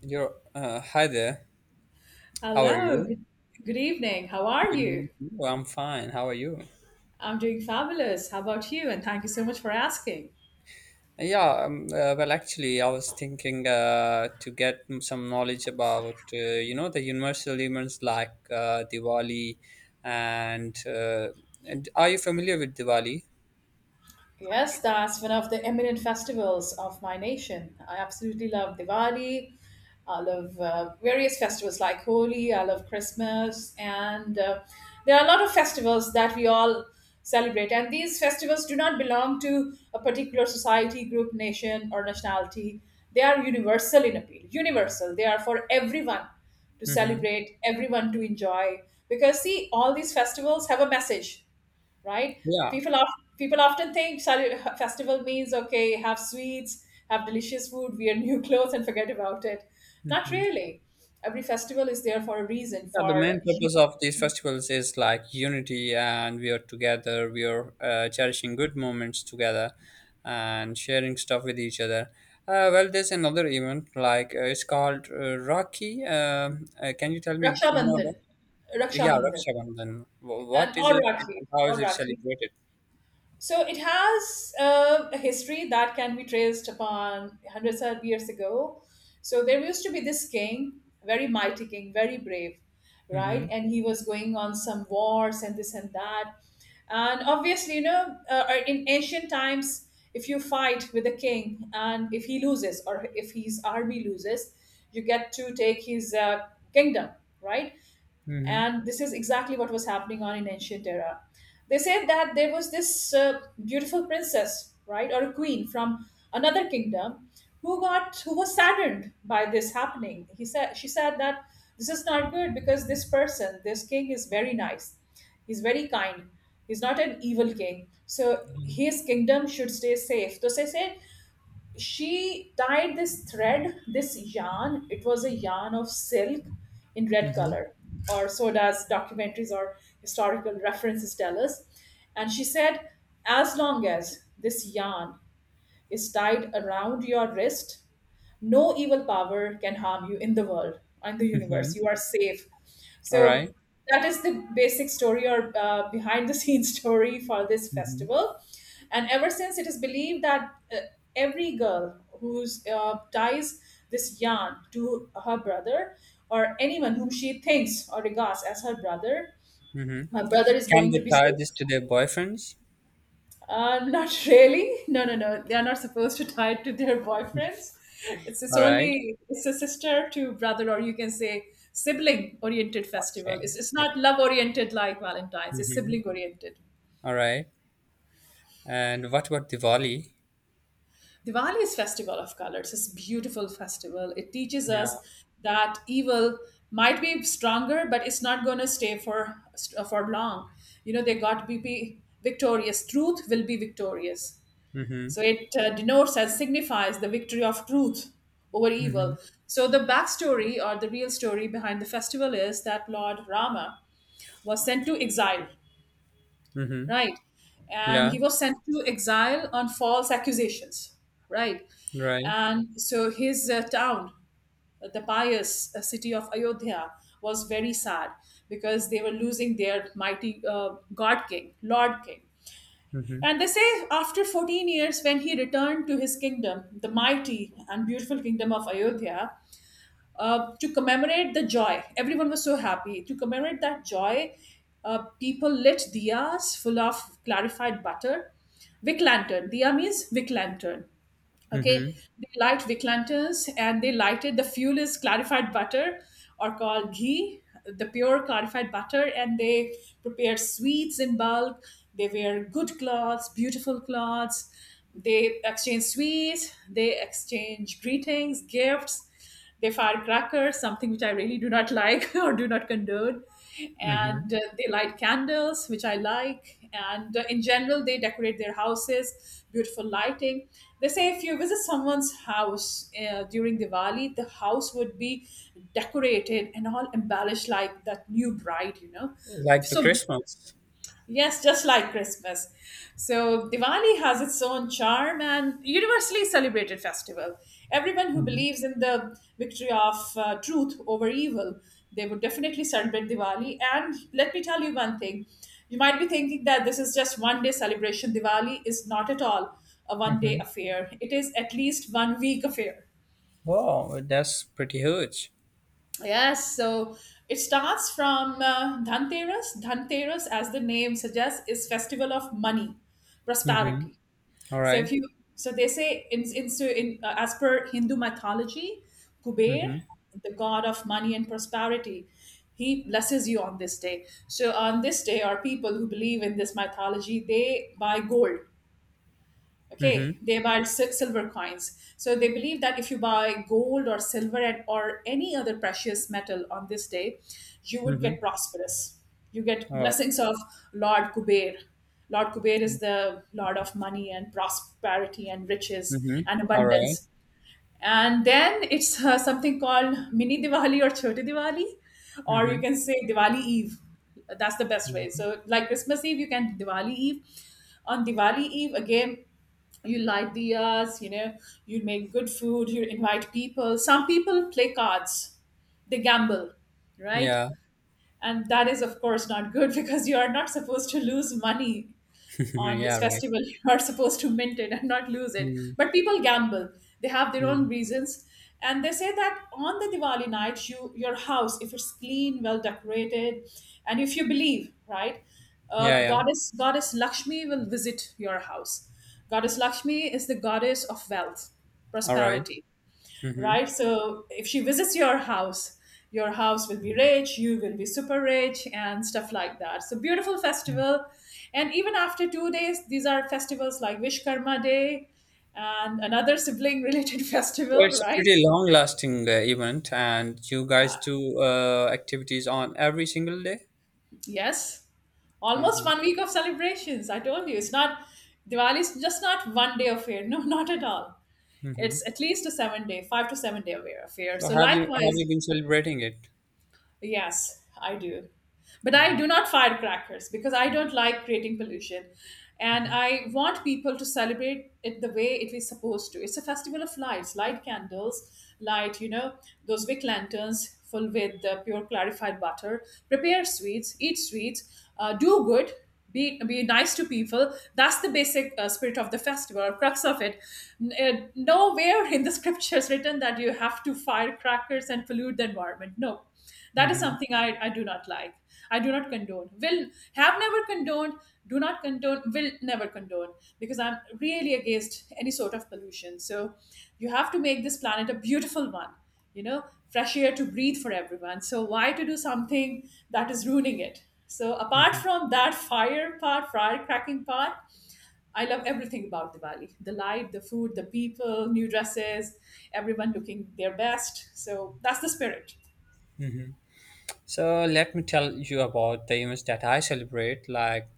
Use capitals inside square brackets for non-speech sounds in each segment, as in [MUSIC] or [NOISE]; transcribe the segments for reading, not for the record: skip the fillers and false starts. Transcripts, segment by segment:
Hi there. How are Hello, you? good evening. How are Good evening you? to you. I'm fine. How are you? I'm doing fabulous. How about you? And thank you so much for asking. Yeah, well, actually, I was thinking to get some knowledge about the universal elements like Diwali and, uh, and are you familiar with Diwali? Yes, that's one of the eminent festivals of my nation. I absolutely love Diwali. I love various festivals like Holi. I love Christmas, and there are a lot of festivals that we all celebrate. And these festivals do not belong to a particular society, group, nation, or nationality. They are universal in appeal. Universal. They are for everyone to Mm-hmm. celebrate, everyone to enjoy. Because see, all these festivals have a message, right? Yeah. People of, people often think, sorry, festival means, okay, have sweets, have delicious food, wear new [LAUGHS] clothes, and forget about it. Not Mhm. really. Every festival is there for a reason. Yeah, the For main purpose of these festivals is like unity, and we are together. We are cherishing good moments together, and sharing stuff with each other. Well, there's another event like it's called Rakhi. Can you tell me Raksha more Bandhan, about? Raksha Yeah, Bandhan, Raksha Bandhan. And What is or it Rakhi, and how or is it Rakhi. celebrated? So it has a history that can be traced upon hundreds of years ago. So there used to be this king, very mighty king, very brave, right? Mm-hmm. And he was going on some wars and this and that. And obviously, in ancient times, if you fight with a king and if he loses or if his army loses, you get to take his kingdom, right? Mm-hmm. And this is exactly what was happening on in ancient era. They said that there was this beautiful princess, right, or a queen from another kingdom who was saddened by this happening. He said She said that this is not good because this person, this king, is very nice. He's very kind. He's not an evil king, so his kingdom should stay safe. So they said she tied this thread, this yarn. It was a yarn of silk in red Mm-hmm. color, or so does documentaries or historical references tell us. And she said, as long as this yarn is tied around your wrist, no evil power can harm you. In the world and the universe, Mm-hmm. you are safe. So All right. that is the basic story, or behind the scenes [LAUGHS] story for this Mm-hmm. festival. And ever since, it is believed that every girl who ties this yarn to her brother, or anyone whom she thinks or regards as her brother, Mm-hmm. her brother is Can going they to be tie safe. this to their boyfriends? Not really. No, no, no. They are not supposed to tie it to their boyfriends. It's just All right. only, it's a sister to brother, or you can say sibling oriented festival. Okay. It's not okay. love oriented like Valentine's. It's Mm-hmm. sibling oriented. All right. And what about Diwali? Diwali is festival of colors. It's beautiful festival. It teaches us Yeah. that evil might be stronger, but it's not going to stay for long. You know, they got to be victorious. Truth will be victorious. Mm-hmm. So it denotes as signifies the victory of truth over Mm-hmm. evil. So the backstory or the real story behind the festival is that Lord Rama was sent to exile, Mm-hmm. right? And Yeah. he was sent to exile on false accusations, right? Right. And so his town, the pious city of Ayodhya, was very sad because they were losing their mighty God King, Lord King. Mm-hmm. And they say after 14 years, when he returned to his kingdom, the mighty and beautiful kingdom of Ayodhya, to commemorate the joy. Everyone was so happy. To commemorate that joy, people lit diyas full of clarified butter. Wick lantern. Diya means wick lantern. Okay, Mm-hmm. they light wick lanterns, and they lighted the fuel is clarified butter, or called ghee, the pure clarified butter, and they prepared sweets in bulk. They wear good clothes, beautiful clothes. They exchange sweets, they exchange greetings, gifts. They fire crackers, something which I really do not like [LAUGHS] or do not condone. Mm-hmm. And they light candles, which I like. And in general, they decorate their houses, beautiful lighting. They say if you visit someone's house during Diwali, the house would be decorated and all embellished like that new bride, you know, Like the so Christmas. yes, just like Christmas. So Diwali has its own charm and universally celebrated festival. Everyone who Mm-hmm. believes in the victory of truth over evil, they would definitely celebrate Diwali. And let me tell you one thing. You might be thinking that this is just one day celebration. Diwali is not at all a one day Mm-hmm. affair. It is at least one week affair. Wow, that's pretty huge. Yes, so it starts from Dhanteras. Dhanteras, as the name suggests, is festival of money, Mm-hmm. prosperity. All So right. if you, so they say so in, as per Hindu mythology, Kuber, Mm-hmm. the god of money and prosperity, he blesses you on this day. So on this day, our people who believe in this mythology, they buy gold. Okay, Mm-hmm. they buy silver coins. So they believe that if you buy gold or silver, or any other precious metal on this day, you would Mm-hmm. get prosperous. You get Oh. blessings of Lord Kuber. Lord Kuber is the lord of money and prosperity and riches Mm-hmm. and All right. abundance. And then it's something called Mini Diwali or Choti Diwali, or you Mm-hmm. can say Diwali Eve. That's the best way. So, like Christmas Eve, you can Diwali Eve. On Diwali Eve, again, you light diyas, you make good food, you invite people. Some people play cards, they gamble, right? Yeah. And that is, of course, not good [LAUGHS] because you are not supposed to lose money [LAUGHS] on this Yeah. Right. festival. [LAUGHS] You are supposed to mint it and not lose it, Mm-hmm. but people gamble. They have their own reasons. And they say that on the Diwali night, your house, if it's clean, well decorated, and if you believe, right, Yeah. Yeah. goddess Lakshmi will visit your house. Goddess Lakshmi is the goddess of wealth, All right. prosperity, Mm-hmm. right? So if she visits your house will be rich, you will be super rich, and stuff like that. So beautiful So festival. And even after 2 days, these are festivals like Vishkarma Day and another sibling related [LAUGHS] festival, it's a right? pretty long-lasting event, and you guys do activities on every single day. Yes. Almost Uh-huh. one week of celebrations. I told you, it's not. Diwali is just not one day affair. No, [LAUGHS] not at all. Hmm. It's at least a 7 day, 5 to 7 day affair. So So have you likewise, been celebrating it? yes, I do. But I Hmm. do not firecrackers because I don't like creating pollution. And Hmm. I want people to celebrate it the way it is supposed to. It's a festival of lights, light candles, light, those wick lanterns full with the pure clarified butter, prepare sweets, eat sweets, do good, be nice to people. That's the basic spirit of the festival, or crux of it. Nowhere in the [LAUGHS] scriptures written that you have to fire crackers and pollute the environment. No, that is Hmm. something I do not like. I do not condone, will have never condoned, do not condone, will never condone, because I'm really against any sort of pollution. So, you have to make this planet a beautiful one, you know fresh air to breathe for everyone. So why to do something that is ruining it? So apart Hmm. from that fire part, firecracking part, I love everything about Diwali, the light, the food, the people, new dresses, everyone looking their best. So that's the spirit. So let me tell you about the events that I celebrate. Like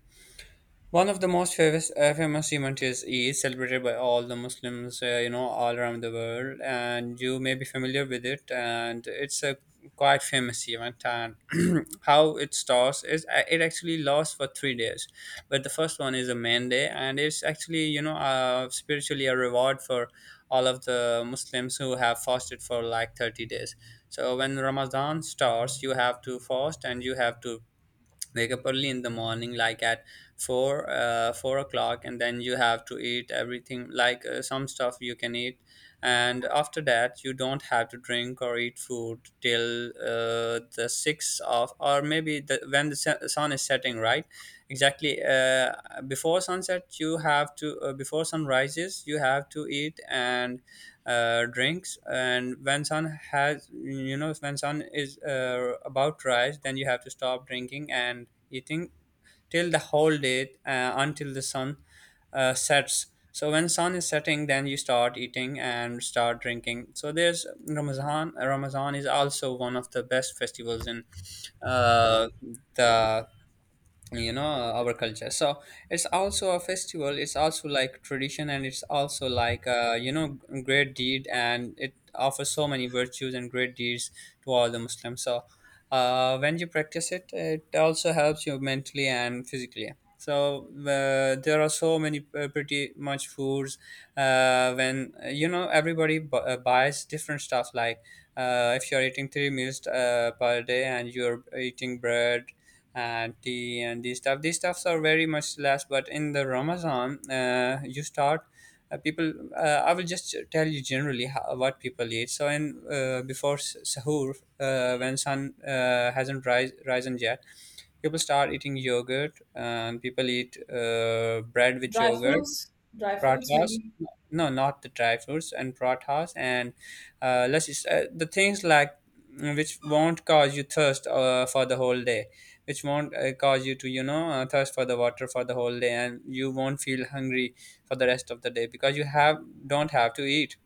One of the most famous event is celebrated by all the Muslims, all around the world, and you may be familiar with it. And it's a quite famous event. And [CLEARS THROAT] how it starts is, it actually lasts for 3 days, but the first one is a main day, and it's actually spiritually a reward for all of the Muslims who have fasted for like 30 days. So when Ramadan starts, you have to fast, and you have to wake up early in the morning, like at four o'clock, and then you have to eat everything, like some stuff you can eat. And after that, you don't have to drink or eat food till the six of, or maybe when the sun is setting, right, exactly. Before sun rises, you have to eat, and drinks. And when sun has you know when sun is about to rise, then you have to stop drinking and eating till the whole day, until the sun sets. So when sun is setting, then you start eating and start drinking. So there's Ramazan. Ramazan is also one of the best festivals in uh, the you know our culture, so it's also a festival, it's also like tradition, and it's also like great deed, and it offers so many virtues and great deeds to all the Muslims. So, when you practice it also helps you mentally and physically. So, there are so many pretty much foods, when everybody buys different stuff, like if you're eating three meals per day, and you're eating bread and tea and these stuff. These stuffs are very much less, but in the Ramazan, you start people. I will just tell you generally how, what people eat. So, in before sahur, when sun hasn't risen yet, people start eating yogurt, and people eat bread with Dry yogurt. fruits, dry fruits Pratas. maybe. No, not the dry fruits and pratas, and let's just, the things like, which won't cause you thirst for the whole day, which won't cause you to thirst for the water for the whole day, and you won't feel hungry for the rest of the day, because you have don't have to eat.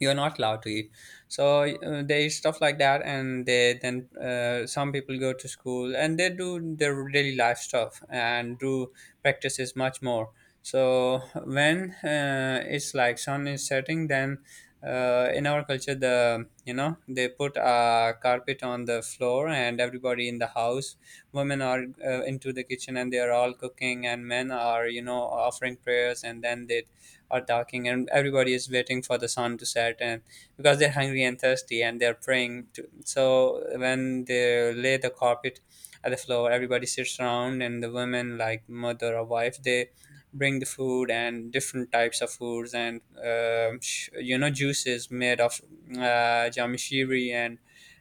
You're not allowed to eat. So, they stuff like that, and they then some people go to school, and they do their daily life stuff and do practices much more. So when, it's like sun is setting, then in our culture, they put a carpet on the floor, and everybody in the house, women are into the kitchen, and they are all cooking, and men are offering prayers, and then they are talking, and everybody is waiting for the sun to set, and because they're hungry and thirsty, and they're praying to, so when they lay the carpet at the floor, everybody sits around, and the women, like mother or wife, they bring the food and different types of foods, and juices made of jamishiri. And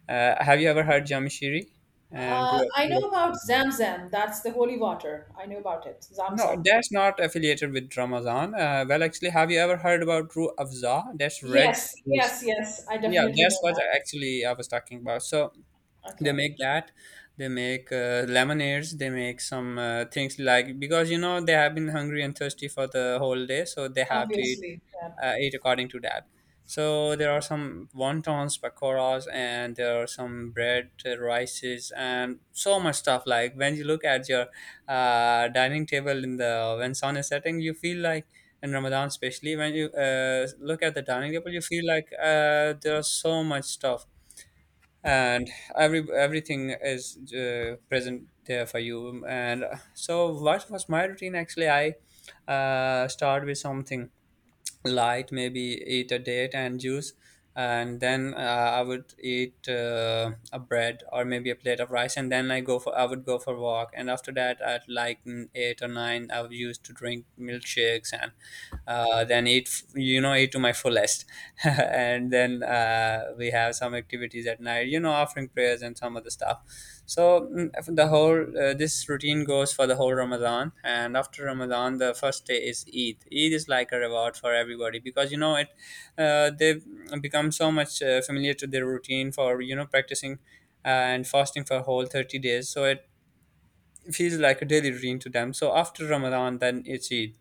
have you ever heard jamishiri? And I know about Zamzam. That's the holy water. I know about it. No, Zamzam. that's not affiliated with Ramazan. Well, actually, have you ever heard about Ru Afza? That's red Yes, juice. yes, yes, I Yeah, definitely that's know what that. actually I was talking about. So they Okay, make that. They make lemonades. They make some things like, because they have been hungry and thirsty for the whole day, so they have to eat obviously. Yeah. It according to that. So there are some wontons, pakoras, and there are some bread, rices, and so much stuff. Like when you look at your dining table in the when sun is setting, you feel like in Ramadan. Especially when you look at the dining table, you feel like there's so much stuff, and everything is present there for you. And, so, what was my routine? Actually, I start with something light, maybe eat a date and juice, and then I would eat a bread, or maybe a plate of rice, and then I would go for a walk, and after that at like 8 or 9 I used to drink milkshakes, and then eat f- you know eat to my fullest [LAUGHS] and then we have some activities at night, offering prayers and some other stuff. So mm, the whole this routine goes for the whole Ramadan, and after Ramadan, the first day is Eid. Eid is like a reward for everybody, because you know it they become so much familiar to their routine, for practicing and fasting for whole 30 days, so it feels like a daily routine to them. So after Ramadan, then it's Eid.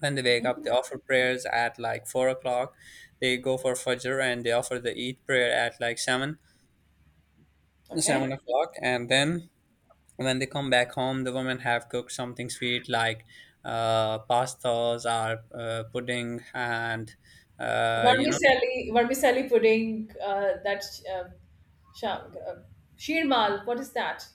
When they wake up, they offer prayers at like 4 o'clock. They go for Fajr, and they offer the Eid prayer at like seven seven Okay. o'clock. And then when they come back home, the women have cooked something sweet, like pastas, or pudding, and uh, you know Vermicelli, vermicelli pudding. That uh, sha- uh, shirmal. What is that?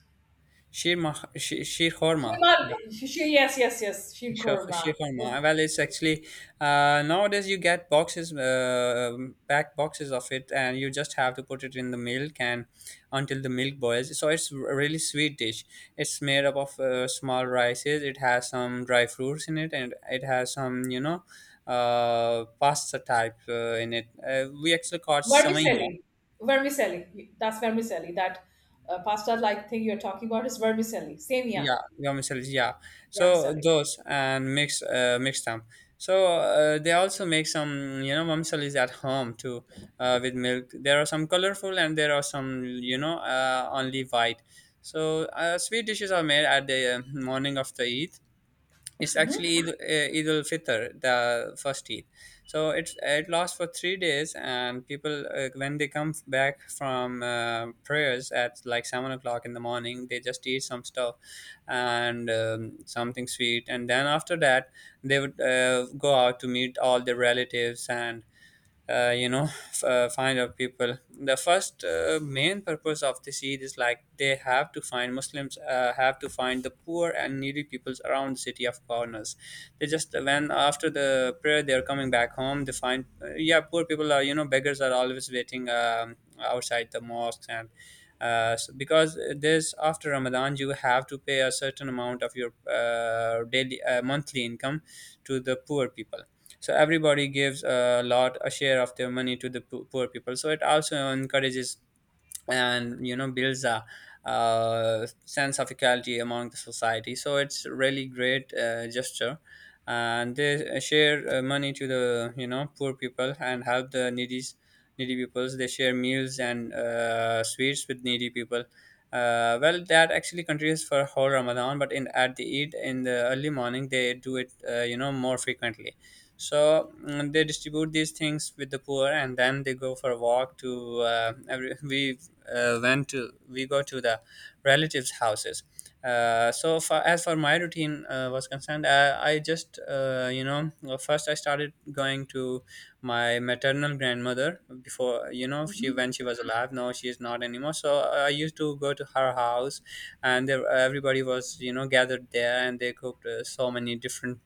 sheer, ma- she sheer horma. Shirmal. Yes, yes, yes. Shir Sure, sure, korma. sure, Ver- no. Well, it's actually nowadays, you get boxes, packed boxes of it, and you just have to put it in the milk and until the milk boils. So it's a really sweet dish. It's made up of small rices. It has some dry fruits in it, and it has some pasta type in it. We actually call it samaya. Vermicelli. Vermicelli. That's vermicelli. That pasta-like thing you're talking about is vermicelli. Same, yeah. Yeah, vermicelli, yeah. So Vermicelli. those, and mix them. So they also make some vermicellis at home too, with milk. There are some colorful, and there are some only white. So sweet dishes are made at the morning of the Eid. It's Mm-hmm. actually Eid, Eid al Fitr, the first Eid. So it lasts for 3 years, and people when they come back from prayers at like 7 o'clock in the morning, they just eat some stuff and something sweet, and then after that they would go out to meet all their relatives and find out people. The first main purpose of the seed is like they have to find muslims, have to find the poor and needy peoples around the city of corners. They just when after the prayer they are coming back home, they find yeah, poor people are, you know, beggars are always waiting, outside the mosques. And so because there's after Ramadan, you have to pay a certain amount of your daily, monthly income to the poor people. So everybody gives a lot, a share of their money to the poor people, so it also encourages and, you know, builds a, uh, sense of equality among the society. So it's really great gesture, and they share money to the, you know, poor people and help the needy peoples. They share meals and sweets with needy people. Well, that actually continues for whole ramadan, but in at the eid in the early morning they do it, you know, more frequently. So they distribute these things with the poor, and then they go for a walk to every [LAUGHS] we when to we go to the relatives' houses. So for as for my routine was concerned, I just, well, first I started going to my maternal grandmother before, you know, she Mm-hmm. when she was alive. Now she is not anymore. So I used to go to her house, and there everybody was, you know, gathered there, and they cooked so many different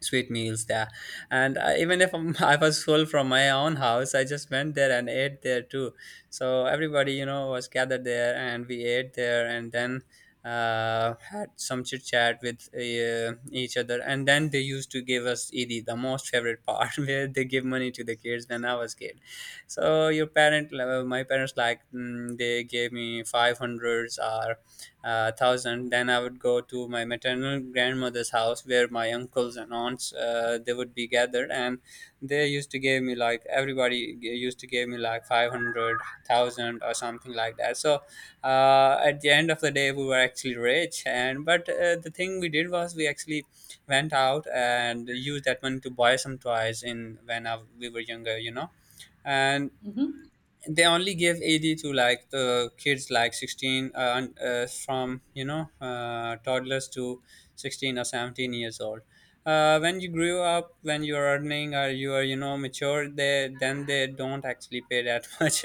sweet meals there. And even if I'm, [LAUGHS] I was full from my own house, I just went there and ate there too. So everybody, you know, was gathered there, and we ate there, and then had some chit chat with each other. And then they used to give us ed, the most favorite part, [LAUGHS] where they give money to the kids when I was kid. So your parent my parents like, they gave me 500s or thousand. Then I would go to my maternal grandmother's house, where my uncles and aunts they would be gathered, and they used to give me like, used to give me like 500 thousand or something like that. So at the end of the day we were actually rich. And but the thing we did was we actually went out and used that money to buy some toys, in when we were younger, you know. And Mm-hmm. they only give AD to like the kids, like 16, from, you know, toddlers to 16 or 17 years old. When you grew up, when you're earning or you are, you know, mature, they then they don't actually pay that [LAUGHS] much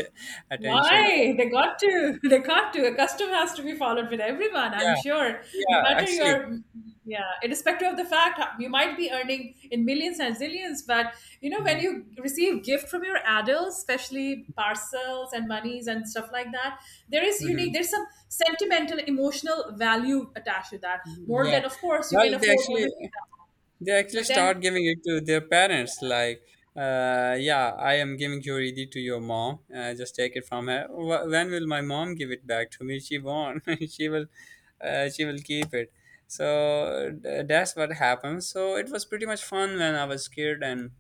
attention. Why? They got to. [LAUGHS] They got to. A custom has to be followed with everyone, I'm Yeah, sure. No yeah, matter actually. your, yeah, irrespective of the fact, you might be earning in millions and zillions, but when Mm-hmm. you receive gift from your adults, especially parcels and monies and stuff like that, there's Mm-hmm. some sentimental, emotional value attached to that. More Yeah, than, of course, you can well, afford everything. they actually But start then, giving it to their parents, like, yeah, I am giving your ed to your mom, just take it from her. When will my mom give it back to me? She won't. [LAUGHS] She will, she will keep it. So that's what happened. So it was pretty much fun when I was kid. And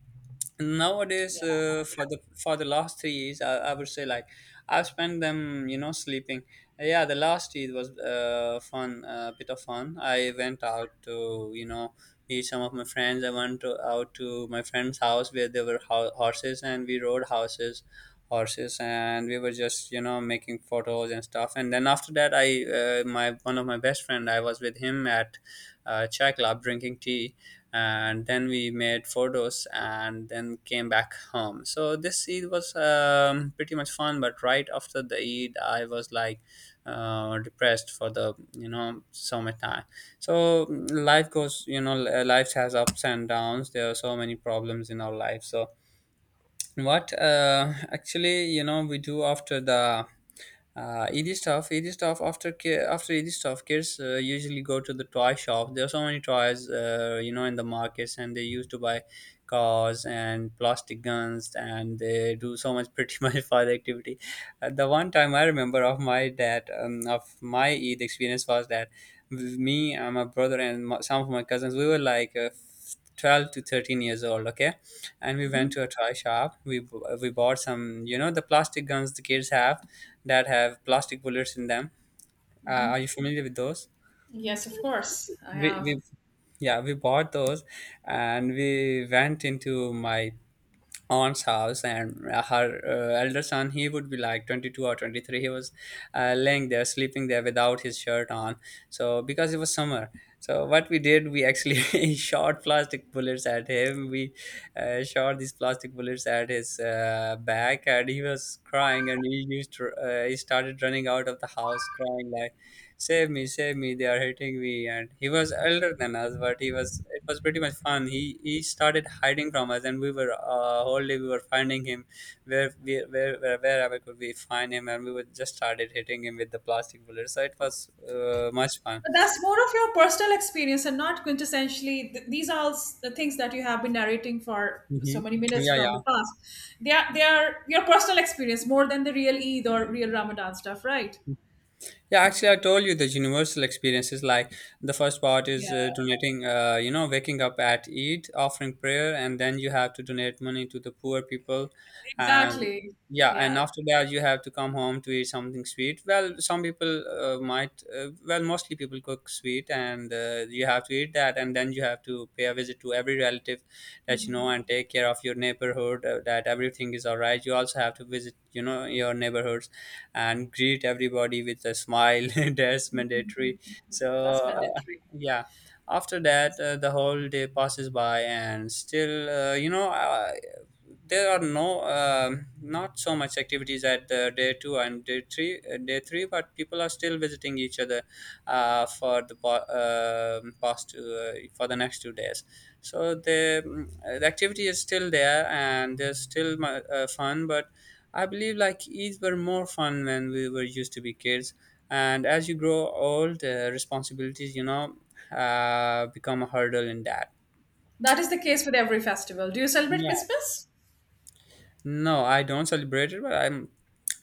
nowadays yeah. For the last 3 years I would say like I've spent them, you know, sleeping. Yeah, the last year was fun, a bit of fun. I went out to, you know, meet some of my friends. I went to, out to my friend's house where there were horses, and we rode horses, and we were just, you know, making photos and stuff. And then after that, I, my one of my best friend, I was with him at chai club drinking tea, and then we made photos and then came back home. So this Eid was, pretty much fun, but right after the Eid I was like depressed for the, you know, summertime. So life goes, you know, life has ups and downs, there are so many problems in our life. So what actually, you know, we do after the Eid stuff. Eid stuff, after after Eid stuff, kids usually go to the toy shop. There are so many toys, you know, in the markets, and they used to buy cars and plastic guns, and they do so much pretty [LAUGHS] much fun activity. The one time I remember of my dad, of my Eid experience was that me and my brother and my, some of my cousins, we were like 12 to 13 years old. Okay, and we went Hmm. to a toy shop. We bought some, you know, the plastic guns the kids have that have plastic bullets in them. Are Hmm. you familiar with those? Yes, of course, I We have. we yeah, we bought those, and we went into my aunt's house. And her elder son, he would be like 22 or 23. He was laying there, sleeping there without his shirt on, so because it was summer. So what we did, we actually [LAUGHS] shot plastic bullets at him. We shot these plastic bullets at his back, and he was crying, and he used to, he started running out of the house crying like, save me, save me, they are hitting me. And he was elder than us, but he was, it was pretty much fun. He started hiding from us, and we were, uh, whole day we were finding him. Where we, where wherever could we find him, and we would just started hitting him with the plastic bullets. So it was much fun. But that's more of your personal experience and not quintessentially. These are all the things that you have been narrating for so Hmm. many minutes Yeah, from the yeah. past. They are your personal experience more than the real Eid or real Ramadan stuff, right? Yeah, actually, I told you the universal experiences. Like, the first part is Yeah, donating, you know, waking up at Eid, offering prayer, and then you have to donate money to the poor people. And exactly. yeah, and Yeah, after that, you have to come home to eat something sweet. Well, some people well, mostly people cook sweet, and you have to eat that. And then you have to pay a visit to every relative [LAUGHS] that you know mhm. and take care of your neighborhood, that everything is all right. You also have to visit, you know, your neighborhood and greet everybody with a smile. [LAUGHS] That's mandatory. So, That's mandatory. yeah. After that, the whole day passes by, and still, there are no, not so much activities at the day two and day three. Day three, but people are still visiting each other past two, for the next 2 days. So the, the activity is still there, and there's still fun, but I believe like these were more fun when we were used to be kids, and as you grow old, responsibilities, you know, become a hurdle in that. That is the case with every festival. Do you celebrate Yeah. Christmas? No, I don't celebrate it, but I'm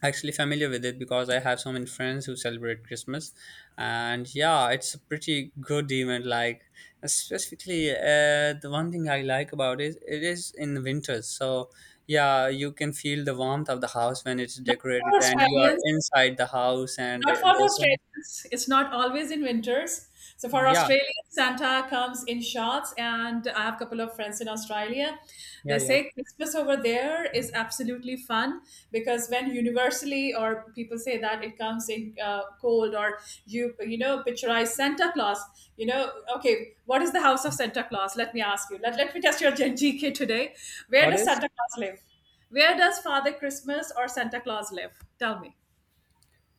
actually familiar with it because I have so many friends who celebrate Christmas. And yeah, it's a pretty good event. Like, specifically, the one thing I like about it, it is in the winters. So yeah, you can feel the warmth of the house when it's Not decorated, for and you are Australians. inside the house, and Not for the there's so much. Australians. It's not always in winters. So for Yeah, Australians, Santa comes in shorts, and I have a couple of friends in Australia. They yeah, yeah. say Christmas over there is absolutely fun because when universally or people say that it comes in cold, or you know picturize Santa Claus, you know okay, what is the house of Santa Claus? Let me ask you. Let me test your Gen GK today. Where What does is? Santa Claus live? Where does Father Christmas or Santa Claus live? Tell me.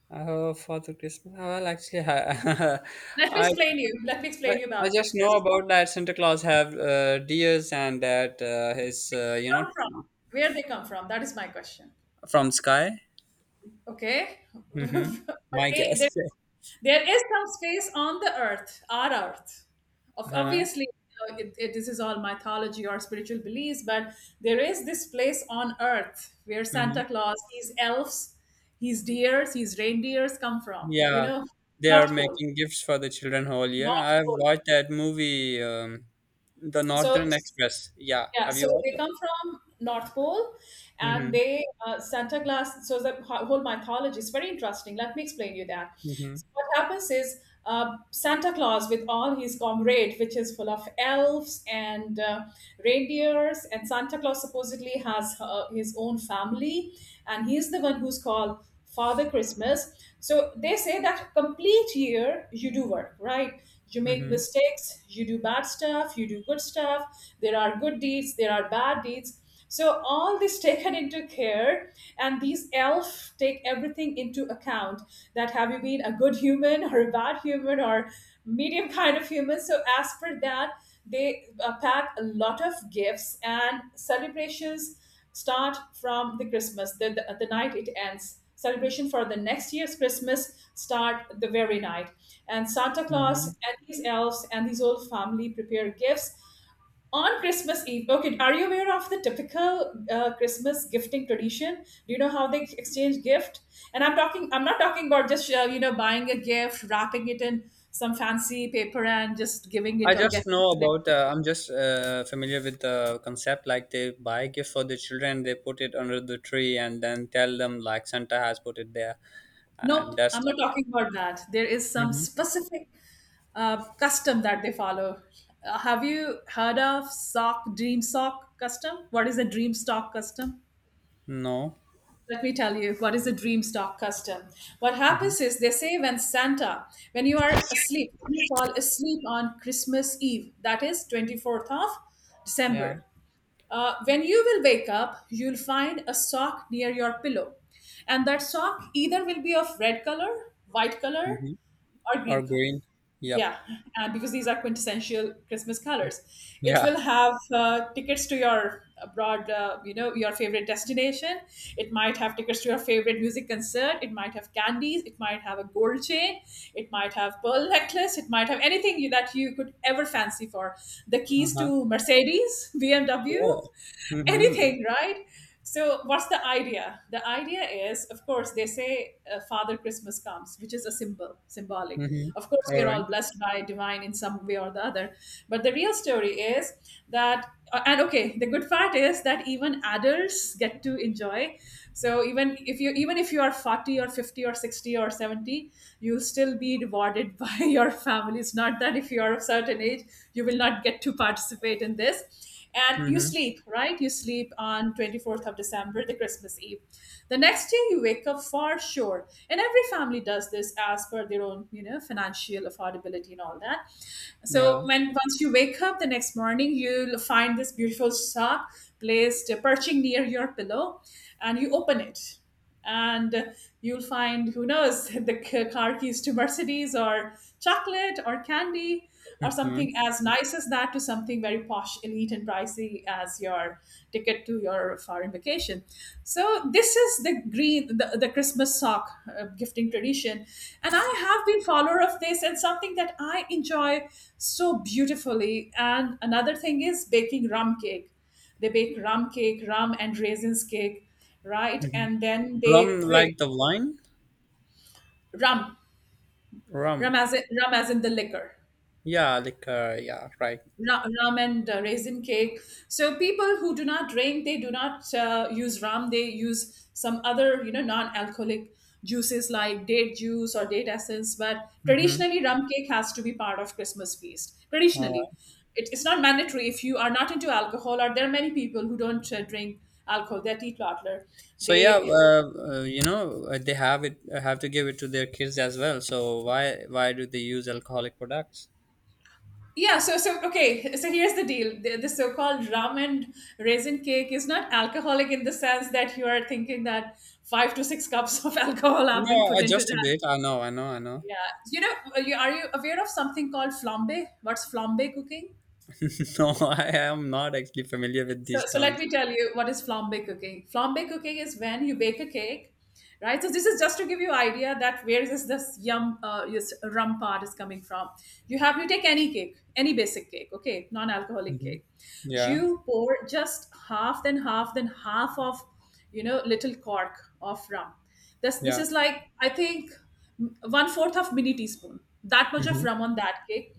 Father Christmas, well, actually, Let me I, [LAUGHS] explain you. Let me I, explain you I about just know Christmas. about that Santa Claus have deers, and that his, you know, Come from where they come from. That is my question. from sky. Okay, [LAUGHS] Mm-hmm. but My [LAUGHS] there guess. there is some space on the earth, our earth. Of Uh-huh. obviously, you know, this is all mythology or spiritual beliefs, but there is this place on earth where Santa Hmm. Claus, his elves, his deers, his reindeers come from. You Yeah, know, they are North Pole, making gifts for the children whole year. North I've Pole. watched that movie, The So Northern Express. Yeah, yeah, have so you watched they it? come from North Pole, and Mm-hmm. they Santa Claus. So the whole mythology is very interesting. Let me explain you that. Mm-hmm. So what happens is Santa Claus, with all his comrade, which is full of elves and reindeers, and Santa Claus supposedly has his own family, and he's the one who's called Father Christmas. So they say that complete year you do work, right? You make Mm-hmm. mistakes, you do bad stuff, you do good stuff. There are good deeds, there are bad deeds. So all this [LAUGHS] taken into care, and these elf take everything into account. That have you been a good human or a bad human or medium kind of human? So as per that, they pack a lot of gifts, and celebrations start from the Christmas, the night it ends. Celebration for the next year's Christmas start the very night, and Santa Claus Mm-hmm. and these elves and these old family prepare gifts on Christmas Eve. Okay, are you aware of the typical Christmas gifting tradition? Do you know how they exchange gift? And I'm not talking about just you know, buying a gift, wrapping it in some fancy paper and just giving I it or just getting know it. about. I'm just familiar with the concept. Like, they buy gift for the children, they put it under the tree, and then tell them like Santa has put it there. And Nope, that's. I'm not talking about that. There is some Mhm. specific custom that they follow. Have you heard of sock custom? What is a dream stock custom? No. Let me tell you what is a dream stock custom. What Hmm. happens is they say when Santa, when you are asleep, when you fall asleep on Christmas Eve, that is 24th of Yeah. December, when you will wake up, you'll find a sock near your pillow. And that sock either will be of red color, white color, Hmm. or Or green color. green. Yep. Yeah, and because these are quintessential Christmas colors, it Yeah. will have tickets to your abroad, you know, your favorite destination. It might have tickets to your favorite music concert. It might have candies. It might have a gold chain. It might have pearl necklace. It might have anything that you could ever fancy for. The keys Uh-huh. to Mercedes, BMW, Wow. [LAUGHS] Mm-hmm. anything, right? So, what's the idea? The idea is, of course, they say Father Christmas comes, which is a symbolic. Mm-hmm. Of course, we All are right. all blessed by divine in some way or the other. But the real story is that, and okay, the good part is that even adults get to enjoy. So, even if you are 40 or 50 or 60 or 70, you'll still be rewarded [LAUGHS] by your family. It's not that if you are of certain age, you will not get to participate in this. And you Mm-hmm. sleep, right? You sleep on 24th of December, the Christmas Eve. The next day you wake up for sure, and every family does this as per their own, you know, financial affordability and all that. So Yeah. when once you wake up the next morning, you'll find this beautiful sock placed perching near your pillow, and you open it, and you'll find who knows [LAUGHS] the car keys to Mercedes or chocolate or candy or Mm-hmm. something as nice as that, to something very posh, elite and pricey as your ticket to your foreign vacation. So this is the the Christmas sock gifting tradition, and I have been follower of this and something that I enjoy so beautifully. And another thing is baking rum cake. They bake rum cake, rum and raisins cake, right? Mm-hmm. And then they Rum like pray the wine. rum, Rum. Rum as in the liquor, Yeah, liquor, yeah, right. Rum and raisin cake. So people who do not drink, they do not use rum. They use some other, you know, non-alcoholic juices like date juice or date essence. But Mm-hmm. traditionally, rum cake has to be part of Christmas feast. All right. Traditionally, it's not mandatory if you are not into alcohol. Or there are many people who don't drink alcohol, they're teetotaler, So yeah, they... you know, they have it, have to give it to their kids as well, so why do they use alcoholic products? Yeah, so so okay, so here's the deal. The so-called rum and raisin cake is not alcoholic in the sense that you are thinking that five to six cups of [LAUGHS] alcohol have No, been put into just a that. bit, I know, I know, I know. Yeah, you know, are you aware of something called flambe? What's flambe cooking? [LAUGHS] No, I am not actually familiar with So, these so let terms. me tell you what is flambe cooking. Flambe cooking is when you bake a cake, right? So this is just to give you idea that where is this this rum part is coming from. You take any cake, any basic cake, okay, non-alcoholic Hmm. cake. Yeah, You pour just half, then half, then half of, you know, little cork of rum. This yeah. is like I think one fourth of mini teaspoon. That much of Hmm. rum on that cake,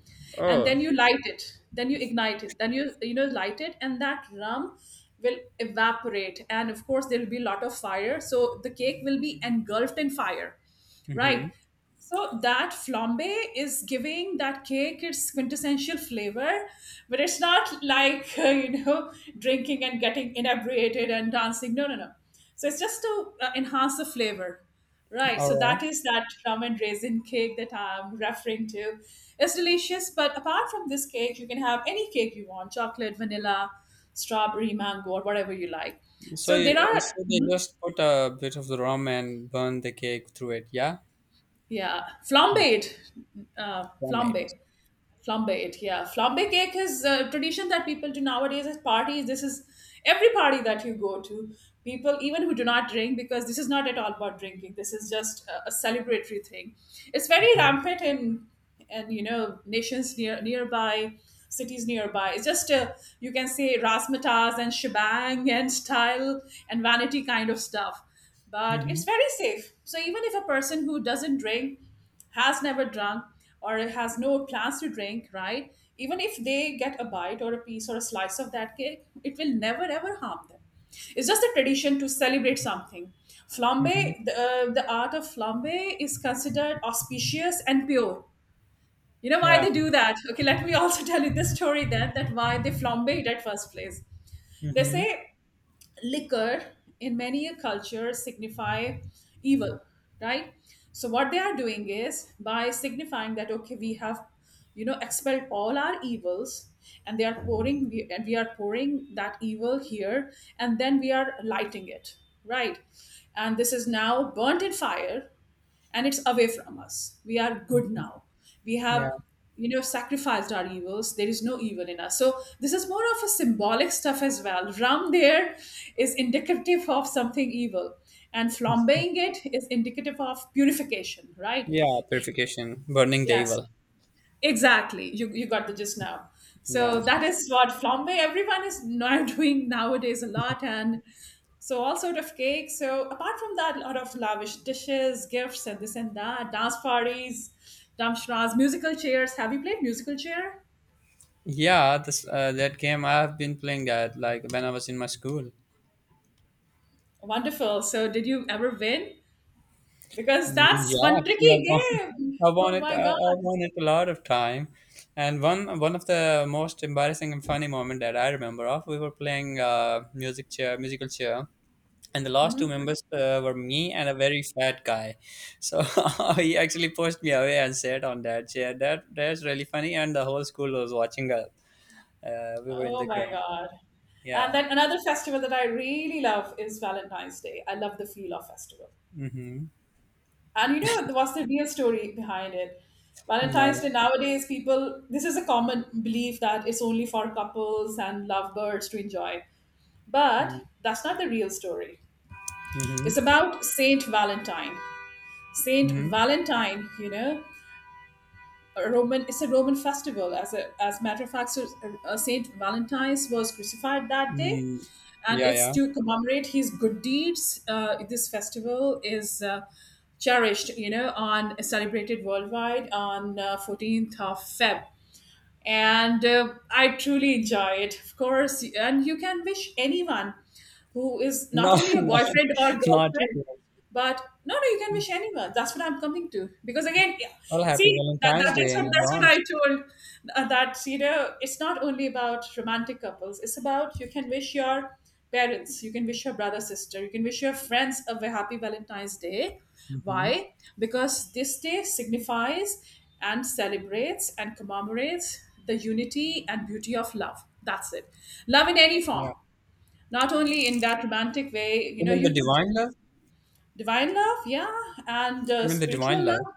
and then Oh. you light it, then you ignite it, then you know light it, and that rum will evaporate, and of course there will be a lot of fire, so the cake will be engulfed in fire, right? Hmm. So that flambe is giving that cake its quintessential flavor, but it's not like [LAUGHS] you know, drinking and getting inebriated and dancing, no no no. So it's just to enhance the flavor. Right, All so that right. is that rum and raisin cake that I'm referring to. It's delicious, but apart from this cake, you can have any cake you want: chocolate, vanilla, strawberry, mango, or whatever you like. So, So you, there are, so they just put a bit of the rum and burn the cake through it. Yeah. yeah, Mm. flambéed, Yeah, mate. flambé. Flambe it, yeah. Flambe cake is a tradition that people do nowadays at parties. This is every party that you go to. People, even who do not drink, because this is not at all about drinking. This is just a celebratory thing. It's very Hmm. rampant in, and you know, nations nearby, cities nearby. It's just a, you can say razzmatazz and shebang and style and vanity kind of stuff. But Hmm. it's very safe. So even if a person who doesn't drink has never drunk or has no plans to drink, right? Even if they get a bite or a piece or a slice of that cake, it will never ever harm them. It's just a tradition to celebrate something. Hmm. Flambe, the art of flambe is considered auspicious and pure. You know why Yeah. they do that? Okay, let me also [LAUGHS] tell you this story then that why they flambe it at first place. They Hmm. say liquor in many a culture signify evil, right? So what they are doing is by signifying that okay, we have, you know, expelled all our evils, and they are pouring, and we are pouring that evil here, and then we are lighting it, right? And this is now burnt in fire, and it's away from us. We are good now. We Yeah. have, you know, sacrificed our evils. There is no evil in us. So this is more of a symbolic stuff as well. Ram there is indicative of something evil, and flambeing it is indicative of purification, right? Yeah. Purification, burning the Yes. evil. Exactly. You got the gist now. So Yeah. that is what flambe everyone is now [LAUGHS] doing nowadays a lot, and so all sort of cakes. So apart from that, a lot of lavish dishes, gifts and this and that, dance parties, damshras, musical chairs. Have you played musical chair? Yeah. This that game I have been playing, that like when I was in my school. Wonderful. So did you ever win? Because that's Yeah, one actually, tricky I've won, [LAUGHS] game. I've won Oh it. my I've god. won it a lot of time. And one of the most embarrassing and funny moment that I remember of, we were playing musical chair, and the last two members were me and a very fat guy. So [LAUGHS] he actually pushed me away and sat on that chair. That's really funny, and the whole school was watching us. We were in Oh the my ground. god. And Yeah. then another festival that I really love is Valentine's Day. I love the feel of festival. Mm-hmm. And you know what's the real story behind it? Valentine's Day No. nowadays, people, this is a common belief that it's only for couples and lovebirds to enjoy, but Mm-hmm. that's not the real story. It's Mm-hmm. about Saint Valentine. Saint Mm-hmm. Valentine, you know, a Roman. It's a Roman festival. As a matter of fact, so Saint Valentine's was crucified that day, Mm. and Yeah. it's Yeah. to commemorate his good deeds. This festival is cherished, you know, on celebrated worldwide on 14th of Feb. And I truly enjoy it, of course. And you can wish anyone who is not No, only a [LAUGHS] boyfriend or not, not at. girlfriend, but no, no, you can wish anyone. That's what I'm coming to. Because again, yeah, Well, happy see, Valentine's Day that's in what advance. I told that you know it's not only about romantic couples. It's about, you can wish your parents, you can wish your brother, sister, you can wish your friends a very happy Valentine's Day. Hmm. Why? Because this day signifies and celebrates and commemorates the unity and beauty of love. That's it. Love in any Yeah, form, not only in that romantic way. You know, even the you could divine love, divine love, yeah. And even the divine spiritual love. love,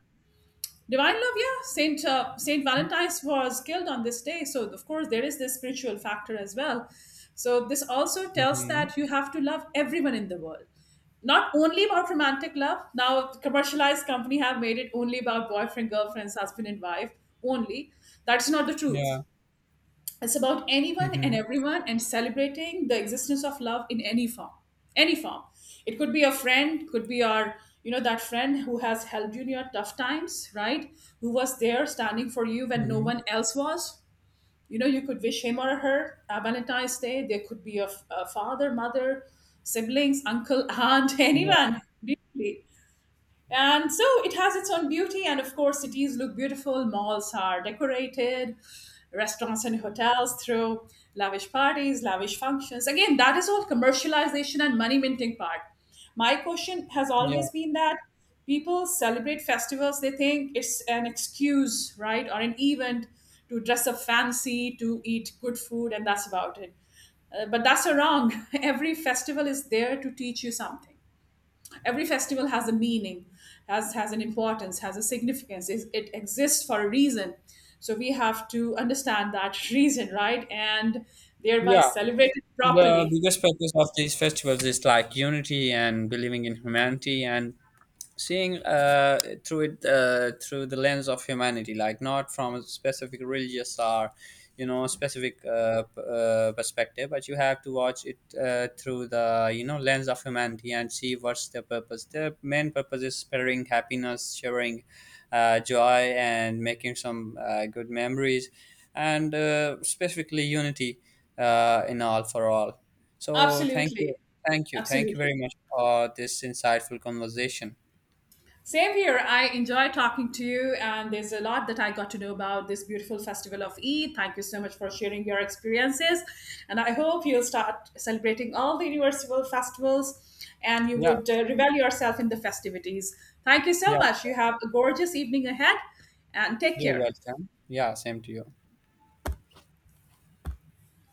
divine love, yeah. Saint Saint Valentine's was killed on this day, so of course there is this spiritual factor as well. So this also tells Hmm. that you have to love everyone in the world, not only about romantic love. Now commercialized company have made it only about boyfriend, girlfriends, husband and wife only. That's not the truth. Yeah. It's about anyone and Hmm. everyone, and celebrating the existence of love in any form. Any form. It could be a friend, could be our, you know, that friend who has helped you in your tough times, right? Who was there standing for you when no Hmm. one else was. You know, you could wish him or her a Valentine's Day. There could be a father, mother, siblings, uncle, aunt, [LAUGHS] Yeah. anyone. Really. And so it has its own beauty. And of course, cities look beautiful, malls are decorated, restaurants and hotels throw lavish parties, lavish functions. Again, that is all commercialization and money minting part. My question has Yeah. always been that people celebrate festivals, they think it's an excuse, right, or an event to dress up fancy, to eat good food, and that's about it. But that's a wrong. [LAUGHS] Every festival is there to teach you something. Every festival has a meaning, has an importance, has a significance. It exists for a reason. So we have to understand that [LAUGHS] reason, right, and thereby Yeah. celebrate it The properly. biggest purpose of these festivals is like unity and believing in humanity and seeing through it, through the lens of humanity, like not from a specific religious or, you know, specific perspective. But you have to watch it through the, you know, lens of humanity and see what's their purpose. Their main purpose is spreading happiness, sharing joy, and making some good memories, and specifically unity, in all, for all. So thank you. Absolutely. Thank you Absolutely. very much for this insightful conversation. Same here. I enjoy talking to you, and there's a lot that I got to know about this beautiful festival of Eid. Thank you so much for sharing your experiences, and I hope you'll start celebrating all the universal festivals, and you Yeah, would revel yourself in the festivities. Thank you so yeah, much. You have a gorgeous evening ahead, and take you're care. welcome. Yeah, same to you.